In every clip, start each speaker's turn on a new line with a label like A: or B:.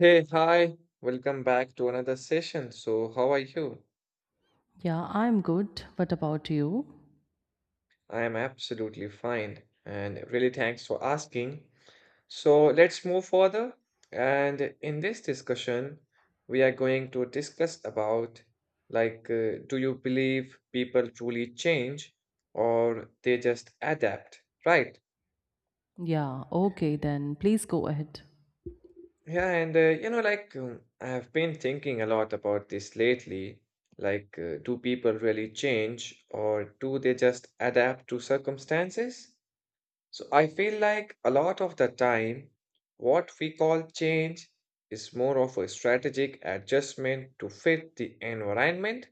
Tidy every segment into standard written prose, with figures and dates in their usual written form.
A: Hey, hi, welcome back to another session. So, how are you?
B: Yeah, I'm good. What about you?
A: I am absolutely fine and really thanks for asking. So, let's move further. And in this discussion, we are going to discuss about do you believe people truly change or they just adapt, right?
B: Yeah, okay, then please go ahead.
A: Yeah, and you know, like I've been thinking a lot about this lately. Do people really change or do they just adapt to circumstances? So I feel like a lot of the time, what we call change is more of a strategic adjustment to fit the environment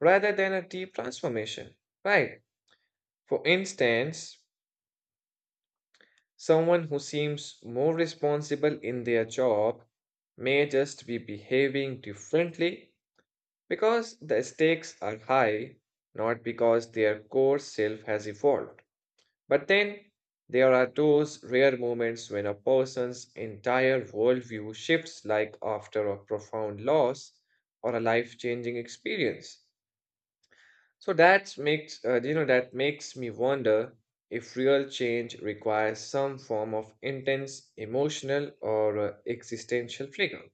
A: rather than a deep transformation, right? For instance, someone who seems more responsible in their job may just be behaving differently because the stakes are high, not because their core self has evolved. But then there are those rare moments when a person's entire worldview shifts, like after a profound loss or a life changing experience. So that makes, that makes me wonder if real change requires some form of intense emotional or existential trigger.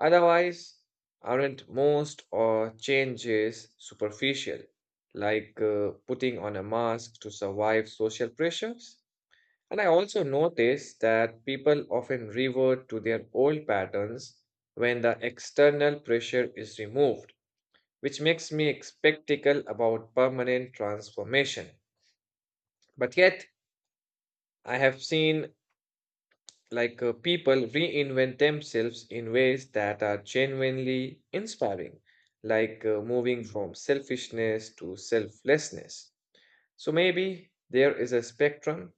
A: Otherwise, aren't most or changes superficial, putting on a mask to survive social pressures? And I also notice that people often revert to their old patterns when the external pressure is removed, which makes me skeptical about permanent transformation. But yet, I have seen people reinvent themselves in ways that are genuinely inspiring, moving from selfishness to selflessness. So maybe there is a spectrum,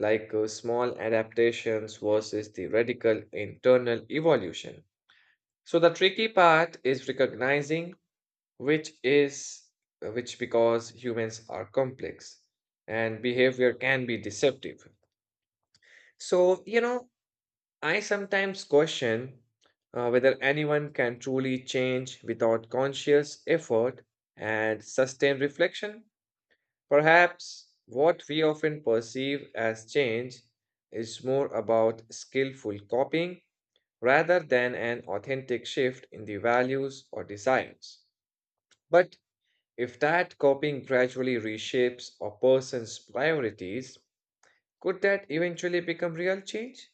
A: small adaptations versus the radical internal evolution. So the tricky part is recognizing which is which, because humans are complex and behavior can be deceptive, so you know I sometimes question whether anyone can truly change without conscious effort and sustained reflection. Perhaps what we often perceive as change is more about skillful copying rather than an authentic shift in the values or desires. But if that copying gradually reshapes a person's priorities, could that eventually become real change?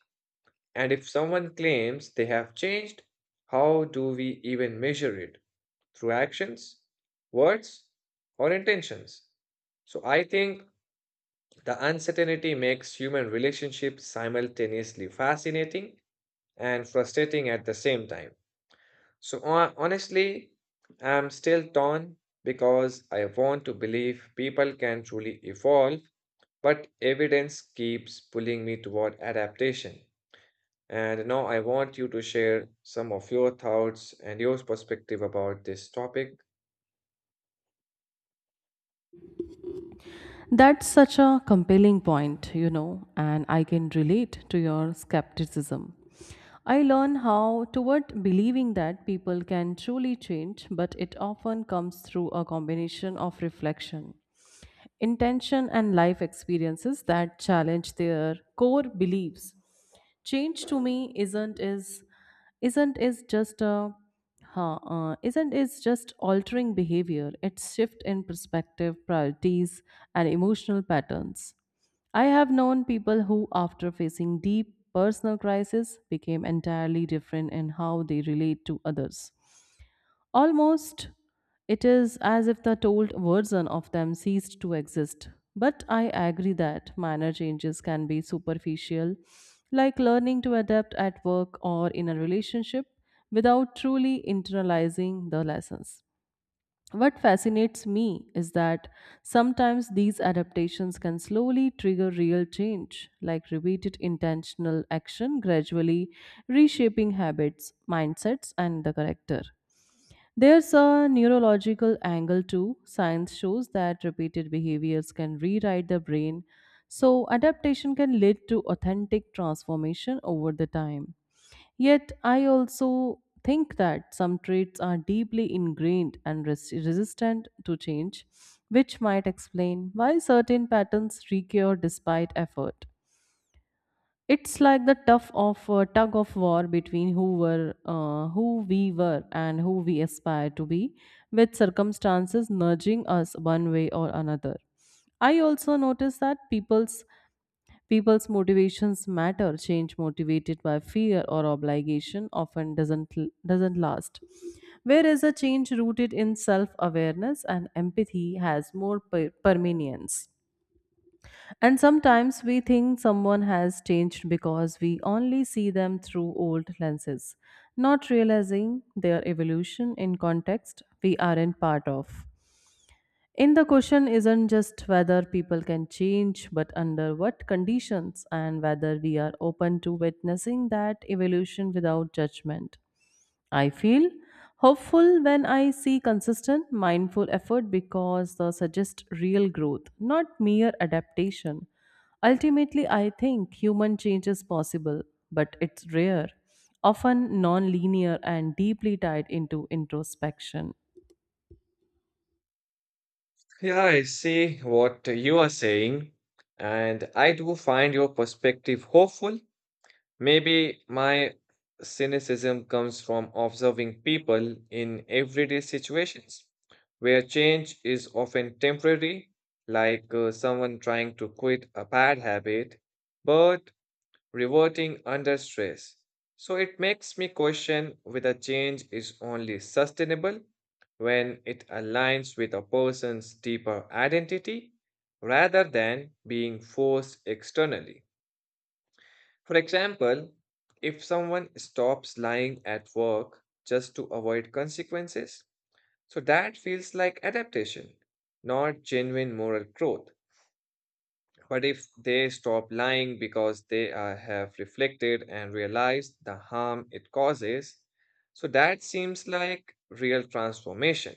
A: And if someone claims they have changed, how do we even measure it? Through actions, words, or intentions? So I think the uncertainty makes human relationships simultaneously fascinating and frustrating at the same time. So honestly, I'm still torn because I want to believe people can truly evolve, but evidence keeps pulling me toward adaptation. And now I want you to share some of your thoughts and your perspective about this topic.
B: That's such a compelling point, you know, and I can relate to your skepticism. I learn how toward believing that people can truly change, but it often comes through a combination of reflection, intention, and life experiences that challenge their core beliefs. Change to me isn't is just a huh, isn't is just altering behavior. It's shift in perspective, priorities, and emotional patterns. I have known people who, after facing deep personal crisis, became entirely different in how they relate to others. Almost, it is as if the told version of them ceased to exist. But I agree that minor changes can be superficial, like learning to adapt at work or in a relationship without truly internalizing the lessons. What fascinates me is that sometimes these adaptations can slowly trigger real change, like repeated intentional action gradually reshaping habits, mindsets, and the character. There's a neurological angle too. Science shows that repeated behaviors can rewrite the brain, so adaptation can lead to authentic transformation over the time. Yet, I also think that some traits are deeply ingrained and resistant to change, which might explain why certain patterns recur despite effort. It's like the tough of tug of war between who we were, and who we aspire to be, with circumstances nudging us one way or another. I also notice that people's motivations matter. Change motivated by fear or obligation often doesn't last, whereas a change rooted in self awareness and empathy has more permanence. And sometimes we think someone has changed because we only see them through old lenses, not realizing their evolution in context we aren't part of. In the question isn't just whether people can change, but under what conditions and whether we are open to witnessing that evolution without judgment. I feel hopeful when I see consistent, mindful effort because they suggest real growth, not mere adaptation. Ultimately, I think human change is possible, but it's rare, often non linear, and deeply tied into introspection.
A: Yeah, I see what you are saying, and I do find your perspective hopeful. Maybe my cynicism comes from observing people in everyday situations where change is often temporary, someone trying to quit a bad habit, but reverting under stress. So it makes me question whether change is only sustainable when it aligns with a person's deeper identity rather than being forced externally. For example, if someone stops lying at work just to avoid consequences, so that feels like adaptation, not genuine moral growth. But if they stop lying because they are, have reflected and realized the harm it causes, so that seems like real transformation.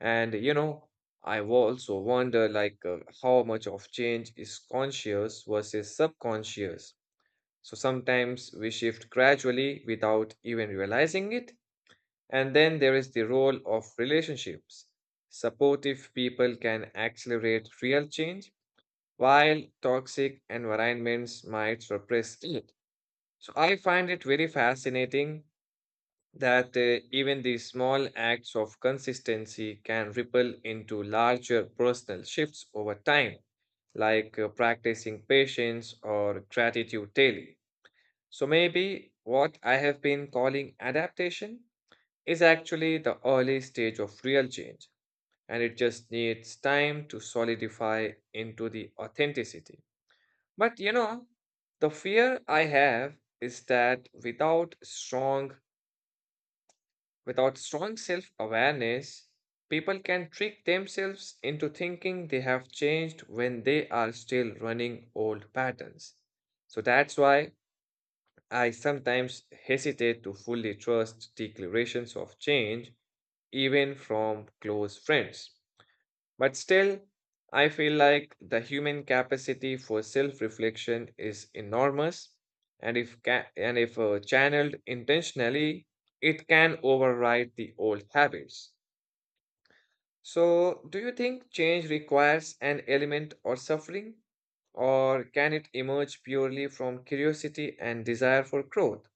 A: And you know, I also wonder how much of change is conscious versus subconscious. So sometimes we shift gradually without even realizing it. And then there is the role of relationships. Supportive people can accelerate real change, while toxic environments might suppress it. So I find it very fascinating that even these small acts of consistency can ripple into larger personal shifts over time, practicing patience or gratitude daily. So maybe what I have been calling adaptation is actually the early stage of real change, and it just needs time to solidify into the authenticity. But you know, the fear I have is that without strong self-awareness, people can trick themselves into thinking they have changed when they are still running old patterns. So that's why I sometimes hesitate to fully trust declarations of change, even from close friends. But still, I feel like the human capacity for self reflection is enormous, and if channeled intentionally, it can override the old habits. So, do you think change requires an element of suffering, or can it emerge purely from curiosity and desire for growth?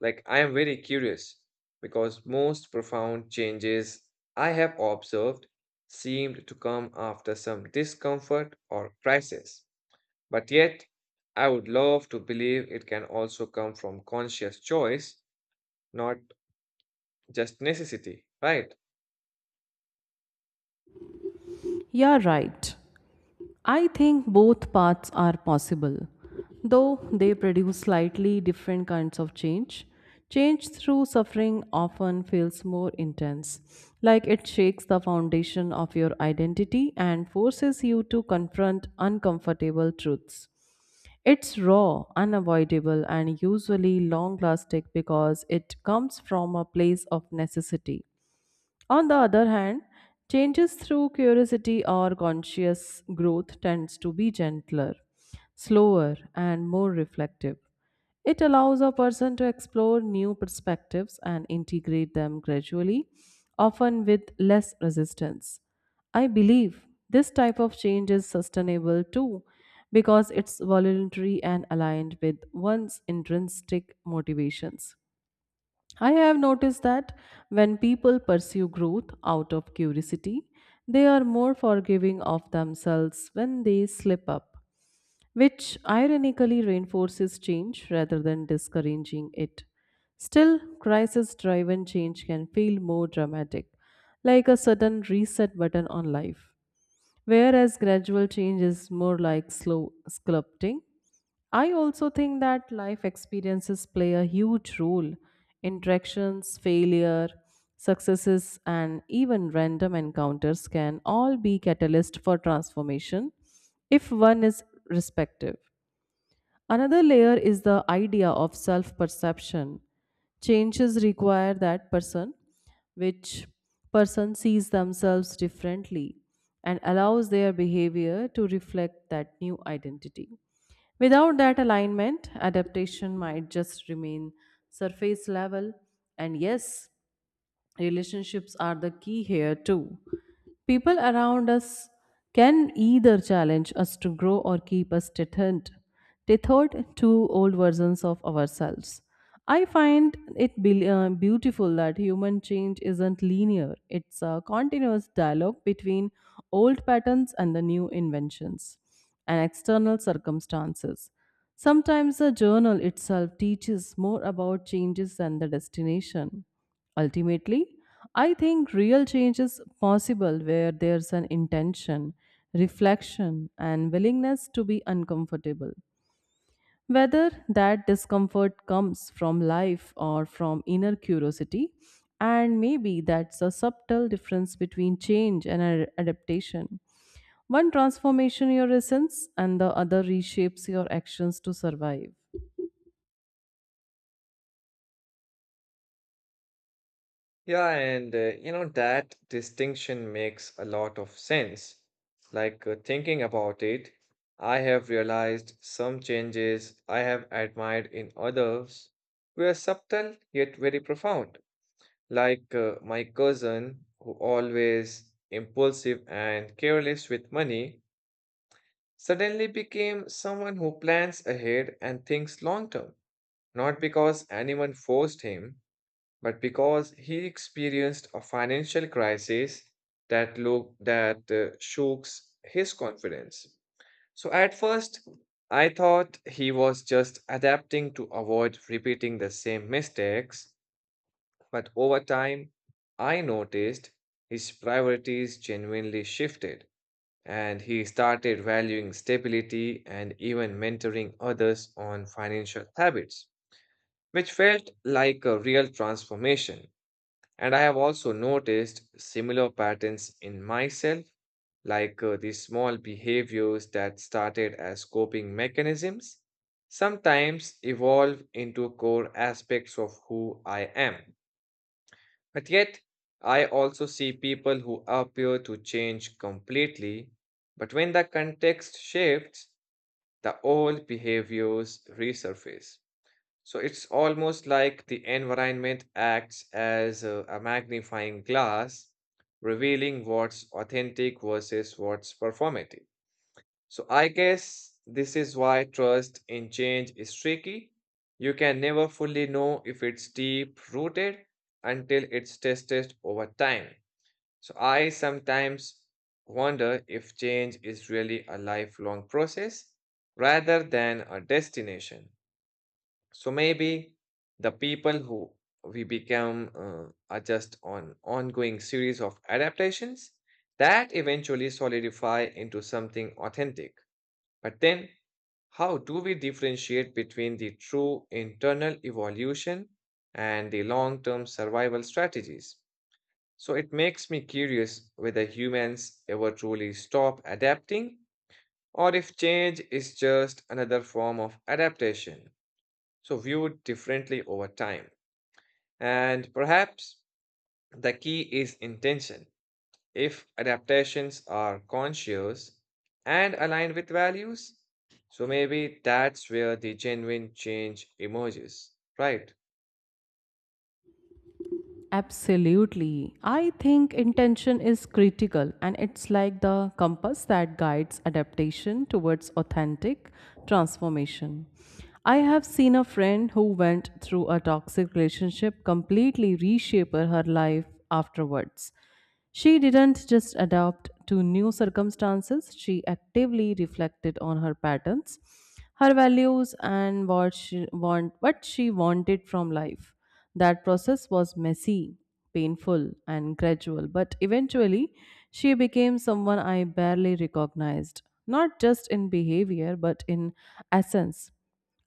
A: Like, I am very curious because most profound changes I have observed seemed to come after some discomfort or crisis. But yet, I would love to believe it can also come from conscious choice, not just necessity, right?
B: You're right. I think both paths are possible, though they produce slightly different kinds of change. Change through suffering often feels more intense, like it shakes the foundation of your identity and forces you to confront uncomfortable truths. It's raw, unavoidable, and usually long lasting because it comes from a place of necessity. On the other hand, changes through curiosity or conscious growth tends to be gentler, slower, and more reflective. It allows a person to explore new perspectives and integrate them gradually, often with less resistance. I believe this type of change is sustainable too because it's voluntary and aligned with one's intrinsic motivations. I have noticed that when people pursue growth out of curiosity, they are more forgiving of themselves when they slip up, which ironically reinforces change rather than discouraging it. Still, crisis driven change can feel more dramatic, like a sudden reset button on life whereas gradual change is more like slow sculpting. I also think that life experiences play a huge role. Interactions, failure, successes, and even random encounters can all be catalyst for transformation if one is respective. Another layer is the idea of self perception. Changes require that person, which person sees themselves differently and allows their behavior to reflect that new identity. Without that alignment, adaptation might just remain surface level. And yes, relationships are the key here too. People around us can either challenge us to grow or keep us tethered, tethered to old versions of ourselves. I find it beautiful that human change isn't linear, it's a continuous dialogue between old patterns and the new inventions and external circumstances. Sometimes the journal itself teaches more about changes than the destination. Ultimately, I think real change is possible where there's an intention, reflection, and willingness to be uncomfortable. Whether that discomfort comes from life or from inner curiosity, and maybe that's a subtle difference between change and adaptation. One transformation your essence, and the other reshapes your actions to survive.
A: Yeah, and you know, that distinction makes a lot of sense. Thinking about it, I have realized some changes I have admired in others were subtle yet very profound. My cousin, who always impulsive and careless with money, suddenly became someone who plans ahead and thinks long term, not because anyone forced him but because he experienced a financial crisis that look that shooks his confidence. So at first I thought he was just adapting to avoid repeating the same mistakes, but over time I noticed his priorities genuinely shifted, and he started valuing stability and even mentoring others on financial habits, which felt like a real transformation. And I have also noticed similar patterns in myself, these small behaviors that started as coping mechanisms sometimes evolve into core aspects of who I am. But yet, I also see people who appear to change completely, but when the context shifts, the old behaviors resurface. So it's almost like the environment acts as a magnifying glass, revealing what's authentic versus what's performative. So I guess this is why trust in change is tricky. You can never fully know if it's deep rooted until it's tested over time. So I sometimes wonder if change is really a lifelong process rather than a destination. So maybe the people who we become are just on ongoing series of adaptations that eventually solidify into something authentic. But then, how do we differentiate between the true internal evolution and the long term survival strategies? So it makes me curious whether humans ever truly stop adapting or if change is just another form of adaptation, so viewed differently over time. And perhaps the key is intention. If adaptations are conscious and aligned with values, so maybe that's where the genuine change emerges, right?
B: Absolutely. I think intention is critical and it's like the compass that guides adaptation towards authentic transformation. I have seen a friend who went through a toxic relationship completely reshape her life afterwards. She didn't just adapt to new circumstances, she actively reflected on her patterns, her values, and what she wanted from life. That process was messy, painful, and gradual, but eventually she became someone I barely recognized, not just in behavior, but in essence.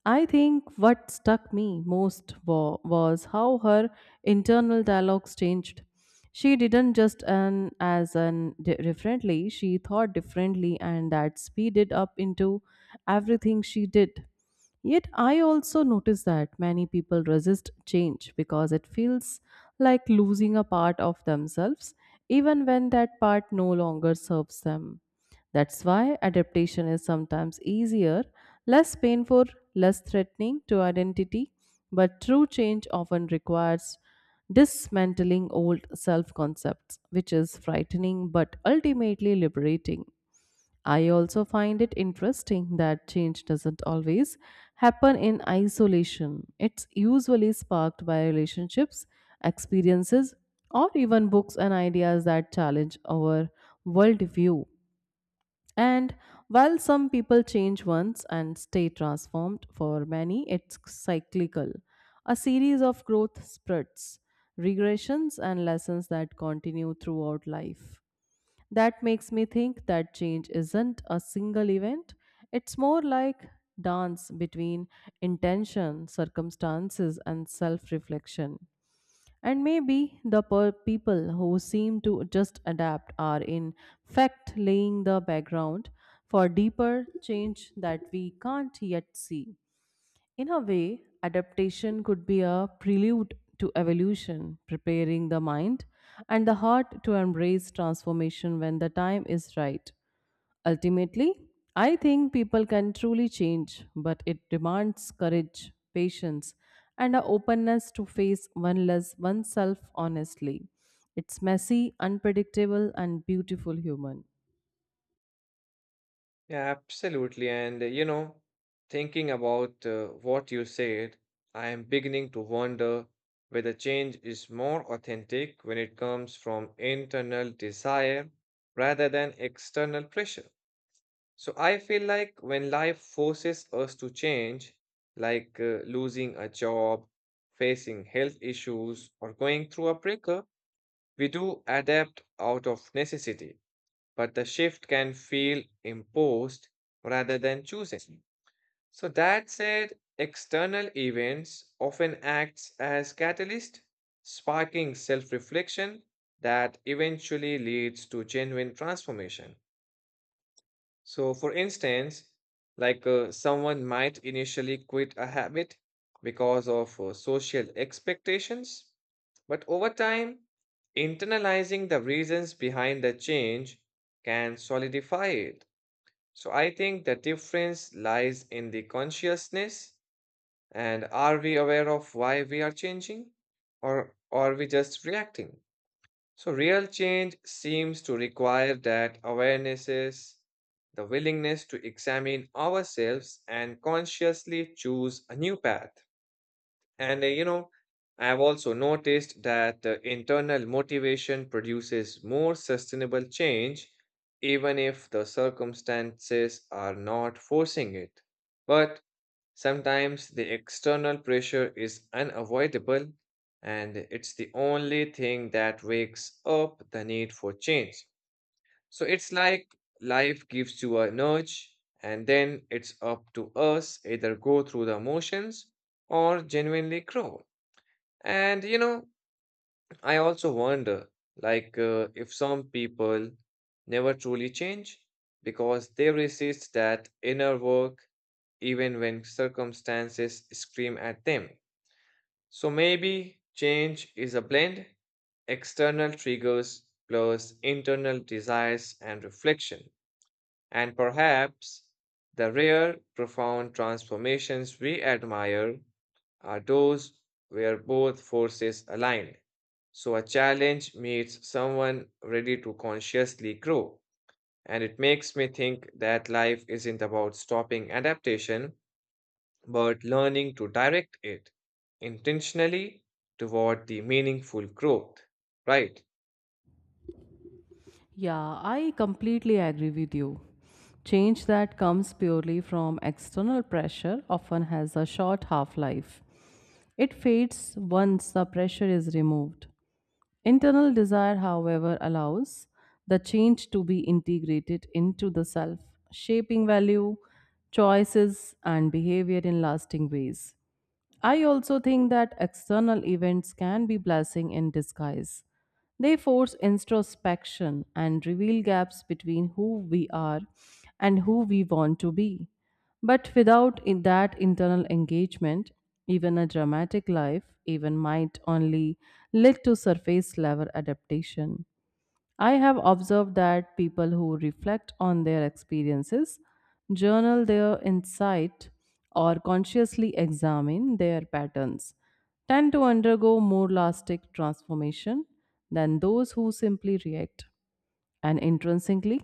B: I think what stuck me most was how her internal dialogues changed. She didn't just earn as an differently, she thought differently, and that speeded up into everything she did. Yet, I also notice that many people resist change because it feels like losing a part of themselves, even when that part no longer serves them. That's why adaptation is sometimes easier, less painful, less threatening to identity, but true change often requires dismantling old self concepts, which is frightening but ultimately liberating. I also find it interesting that change doesn't always happen in isolation. It's usually sparked by relationships, experiences, or even books and ideas that challenge our worldview. And while some people change once and stay transformed, for many it's cyclical a series of growth spurts, regressions, and lessons that continue throughout life. That makes me think that change isn't a single event, it's more like dance between intention, circumstances, and self reflection. And maybe the people who seem to just adapt are in fact laying the background for deeper change that we can't yet see. In a way, adaptation could be a prelude to evolution, preparing the mind and the heart to embrace transformation when the time is right. Ultimately, I think people can truly change, but it demands courage, patience, and an openness to face one oneself honestly. It's messy, unpredictable, and beautiful human.
A: Yeah, absolutely. And You know, thinking about what you said, I am beginning to wonder whether change is more authentic when it comes from internal desire rather than external pressure. So I feel like when life forces us to change, losing a job, facing health issues, or going through a breakup, we do adapt out of necessity. But the shift can feel imposed rather than choosing. So that said, external events often acts as catalyst, sparking self-reflection that eventually leads to genuine transformation. So, for instance, someone might initially quit a habit because of social expectations, but over time, internalizing the reasons behind the change can solidify it. So, I think the difference lies in the consciousness, and are we aware of why we are changing, or are we just reacting? So, real change seems to require that awarenesses, the willingness to examine ourselves and consciously choose a new path. And you know, I've also noticed that internal motivation produces more sustainable change, even if the circumstances are not forcing it. But sometimes the external pressure is unavoidable, and it's the only thing that wakes up the need for change. So it's like life gives you a nudge, and then it's up to us either go through the motions or genuinely grow. And you know, I also wonder, if some people never truly change because they resist that inner work even when circumstances scream at them. So maybe change is a blend, external triggers plus internal desires and reflection. And perhaps the rare, profound transformations we admire are those where both forces align. So a challenge meets someone ready to consciously grow. And it makes me think that life isn't about stopping adaptation, but learning to direct it intentionally toward the meaningful growth. Right.
B: Yeah, I completely agree with you. Change that comes purely from external pressure often has a short half life. It fades once the pressure is removed. Internal desire, however, allows the change to be integrated into the self, shaping value, choices, and behavior in lasting ways. I also think that external events can be blessing in disguise. They force introspection and reveal gaps between who we are and who we want to be. But without in that internal engagement, even a dramatic life even might only lead to surface level adaptation. I have observed that people who reflect on their experiences, journal their insight, or consciously examine their patterns tend to undergo more lasting transformation than those who simply react. And intrinsically,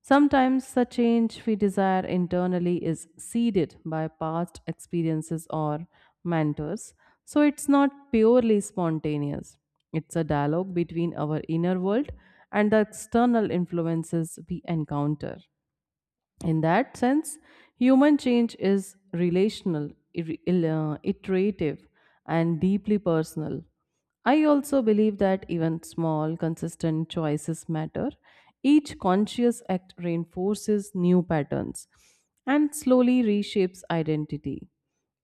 B: sometimes the change we desire internally is seeded by past experiences or mentors. So it's not purely spontaneous, it's a dialogue between our inner world and the external influences we encounter. In that sense, human change is relational, iterative, and deeply personal. I also believe that even small, consistent choices matter. Each conscious act reinforces new patterns and slowly reshapes identity.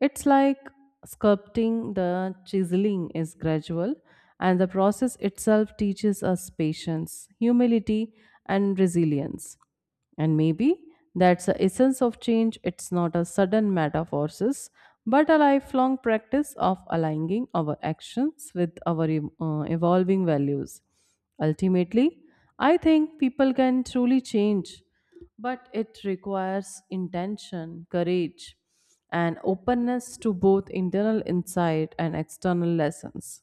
B: It's like sculpting, the chiseling is gradual, and the process itself teaches us patience, humility, and resilience. And maybe that's the essence of change. It's not a sudden matter of forces, but a lifelong practice of aligning our actions with our evolving values. Ultimately, I think people can truly change, but it requires intention, courage, and openness to both internal insight and external lessons.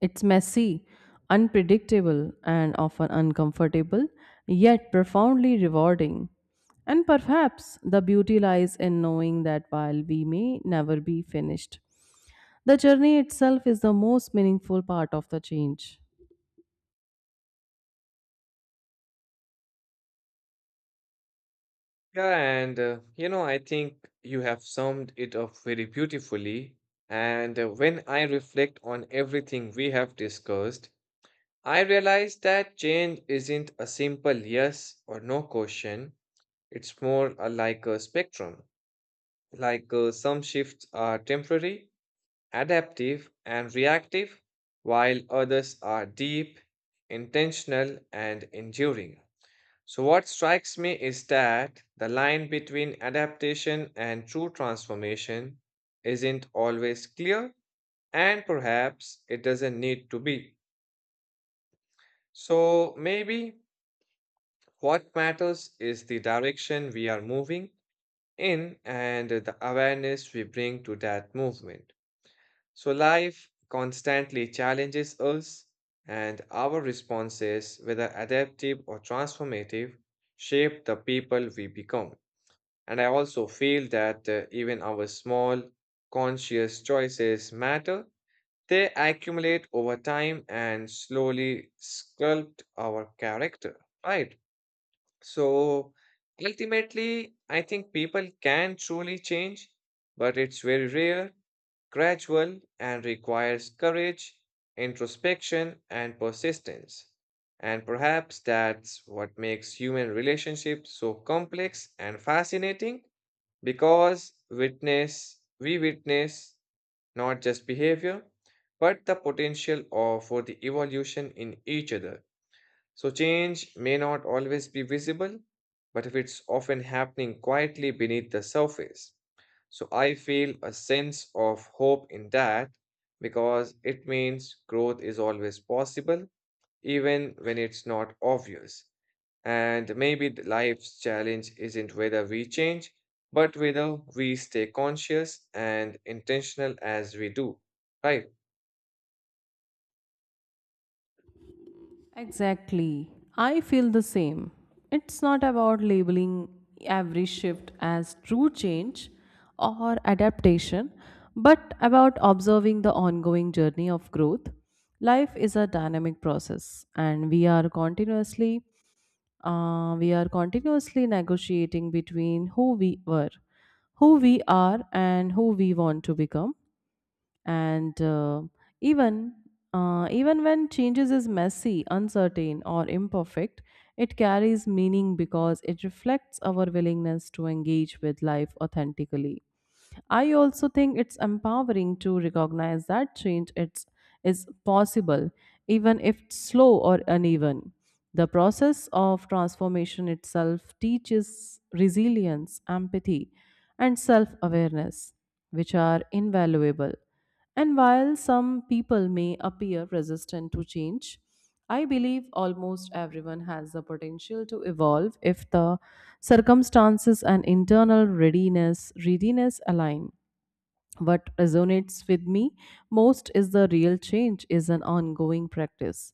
B: It's messy, unpredictable, and often uncomfortable, yet profoundly rewarding. And perhaps the beauty lies in knowing that while we may never be finished, the journey itself is the most meaningful part of the change.
A: Yeah, and you know, I think you have summed it up very beautifully. And when I reflect on everything we have discussed, I realize that change isn't a simple yes or no question. It's more a, like a spectrum. Some shifts are temporary, adaptive, and reactive, while others are deep, intentional, and enduring. So, what strikes me is that the line between adaptation and true transformation isn't always clear, and perhaps it doesn't need to be. So, maybe what matters is the direction we are moving in and the awareness we bring to that movement. So, life constantly challenges us, and our responses, whether adaptive or transformative, shape the people we become. And I also feel that even our small, conscious choices matter. They accumulate over time and slowly sculpt our character, right? So ultimately, I think people can truly change, but it's very rare, gradual, and requires courage, introspection, and persistence. And perhaps that's what makes human relationships so complex and fascinating because we witness not just behavior, but the potential of, for the evolution in each other. So, change may not always be visible, but if it's often happening quietly beneath the surface. So, I feel a sense of hope in that because it means growth is always possible, even when it's not obvious. And maybe the life's challenge isn't whether we change, but whether we stay conscious and intentional as we do, right?
B: Exactly. I feel the same. It's not about labeling every shift as true change or adaptation, but about observing the ongoing journey of growth. Life is a dynamic process, and we are continuously negotiating between who we were, who we are, and who we want to become and even even when changes is messy uncertain or imperfect it carries meaning because it reflects our willingness to engage with life authentically. I also think it's empowering to recognize that is possible even if it's slow or uneven. The process of transformation itself teaches resilience empathy and self-awareness which are invaluable. And while some people may appear resistant to change, I believe almost everyone has the potential to evolve if the circumstances and internal readiness align. What resonates with me most is the real change is an ongoing practice.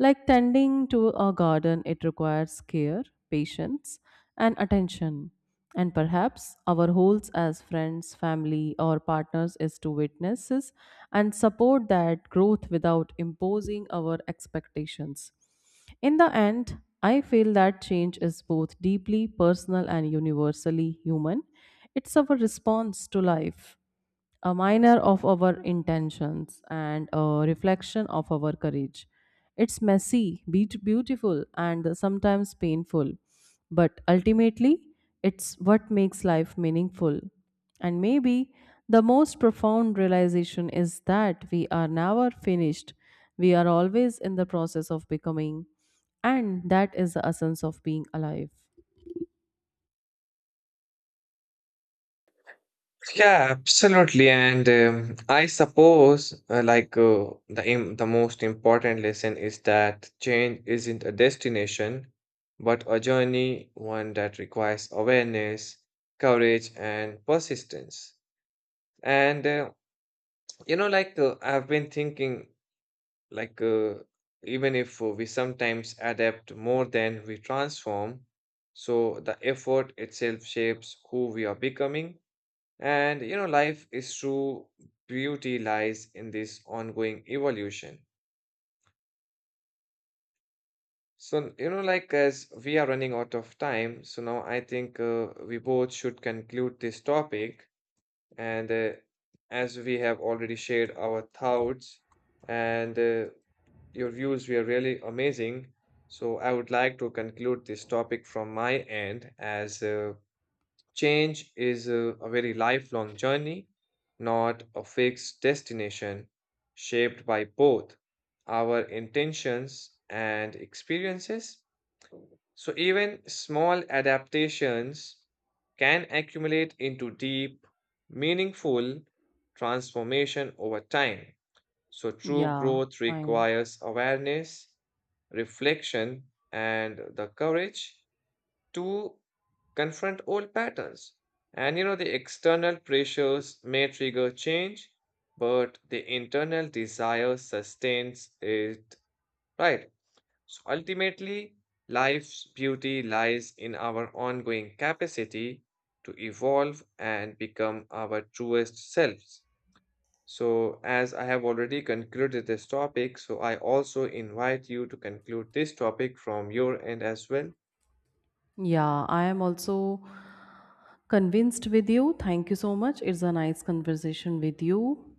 B: Like tending to a garden, it requires care, patience, and attention. And perhaps our roles as friends, family, or partners is to witnesses and support that growth without imposing our expectations. In the end, I feel that change is both deeply personal and universally human. It's our response to life a minor of our intentions and a reflection of our courage. It's messy, beautiful, and sometimes painful, but ultimately, it's what makes life meaningful. And maybe the most profound realization is that we are never finished, we are always in the process of becoming, and that is the essence of being alive.
A: Yeah, absolutely. And I suppose, the most important lesson is that change isn't a destination, but a journey, one that requires awareness, courage, and persistence. And I've been thinking, like, uh, even if we sometimes adapt more than we transform, so the effort itself shapes who we are becoming. And you know, life is true beauty lies in this ongoing evolution. So, you know, like as we are running out of time, so now I think we both should conclude this topic. And as we have already shared our thoughts and your views were really amazing. So, I would like to conclude this topic from my end as change is a very lifelong journey, not a fixed destination, shaped by both our intentions and experiences. So, even small adaptations can accumulate into deep, meaningful transformation over time. So, true
B: Yeah,
A: growth
B: fine.
A: requires awareness, reflection, and the courage to confront old patterns. And you know, the external pressures may trigger change, but the internal desire sustains it, right? So ultimately, life's beauty lies in our ongoing capacity to evolve and become our truest selves. So, as I have already concluded this topic, so I also invite you to conclude this topic from your end as well.
B: Yeah, I am also convinced with you. Thank you so much. It's a nice conversation with you.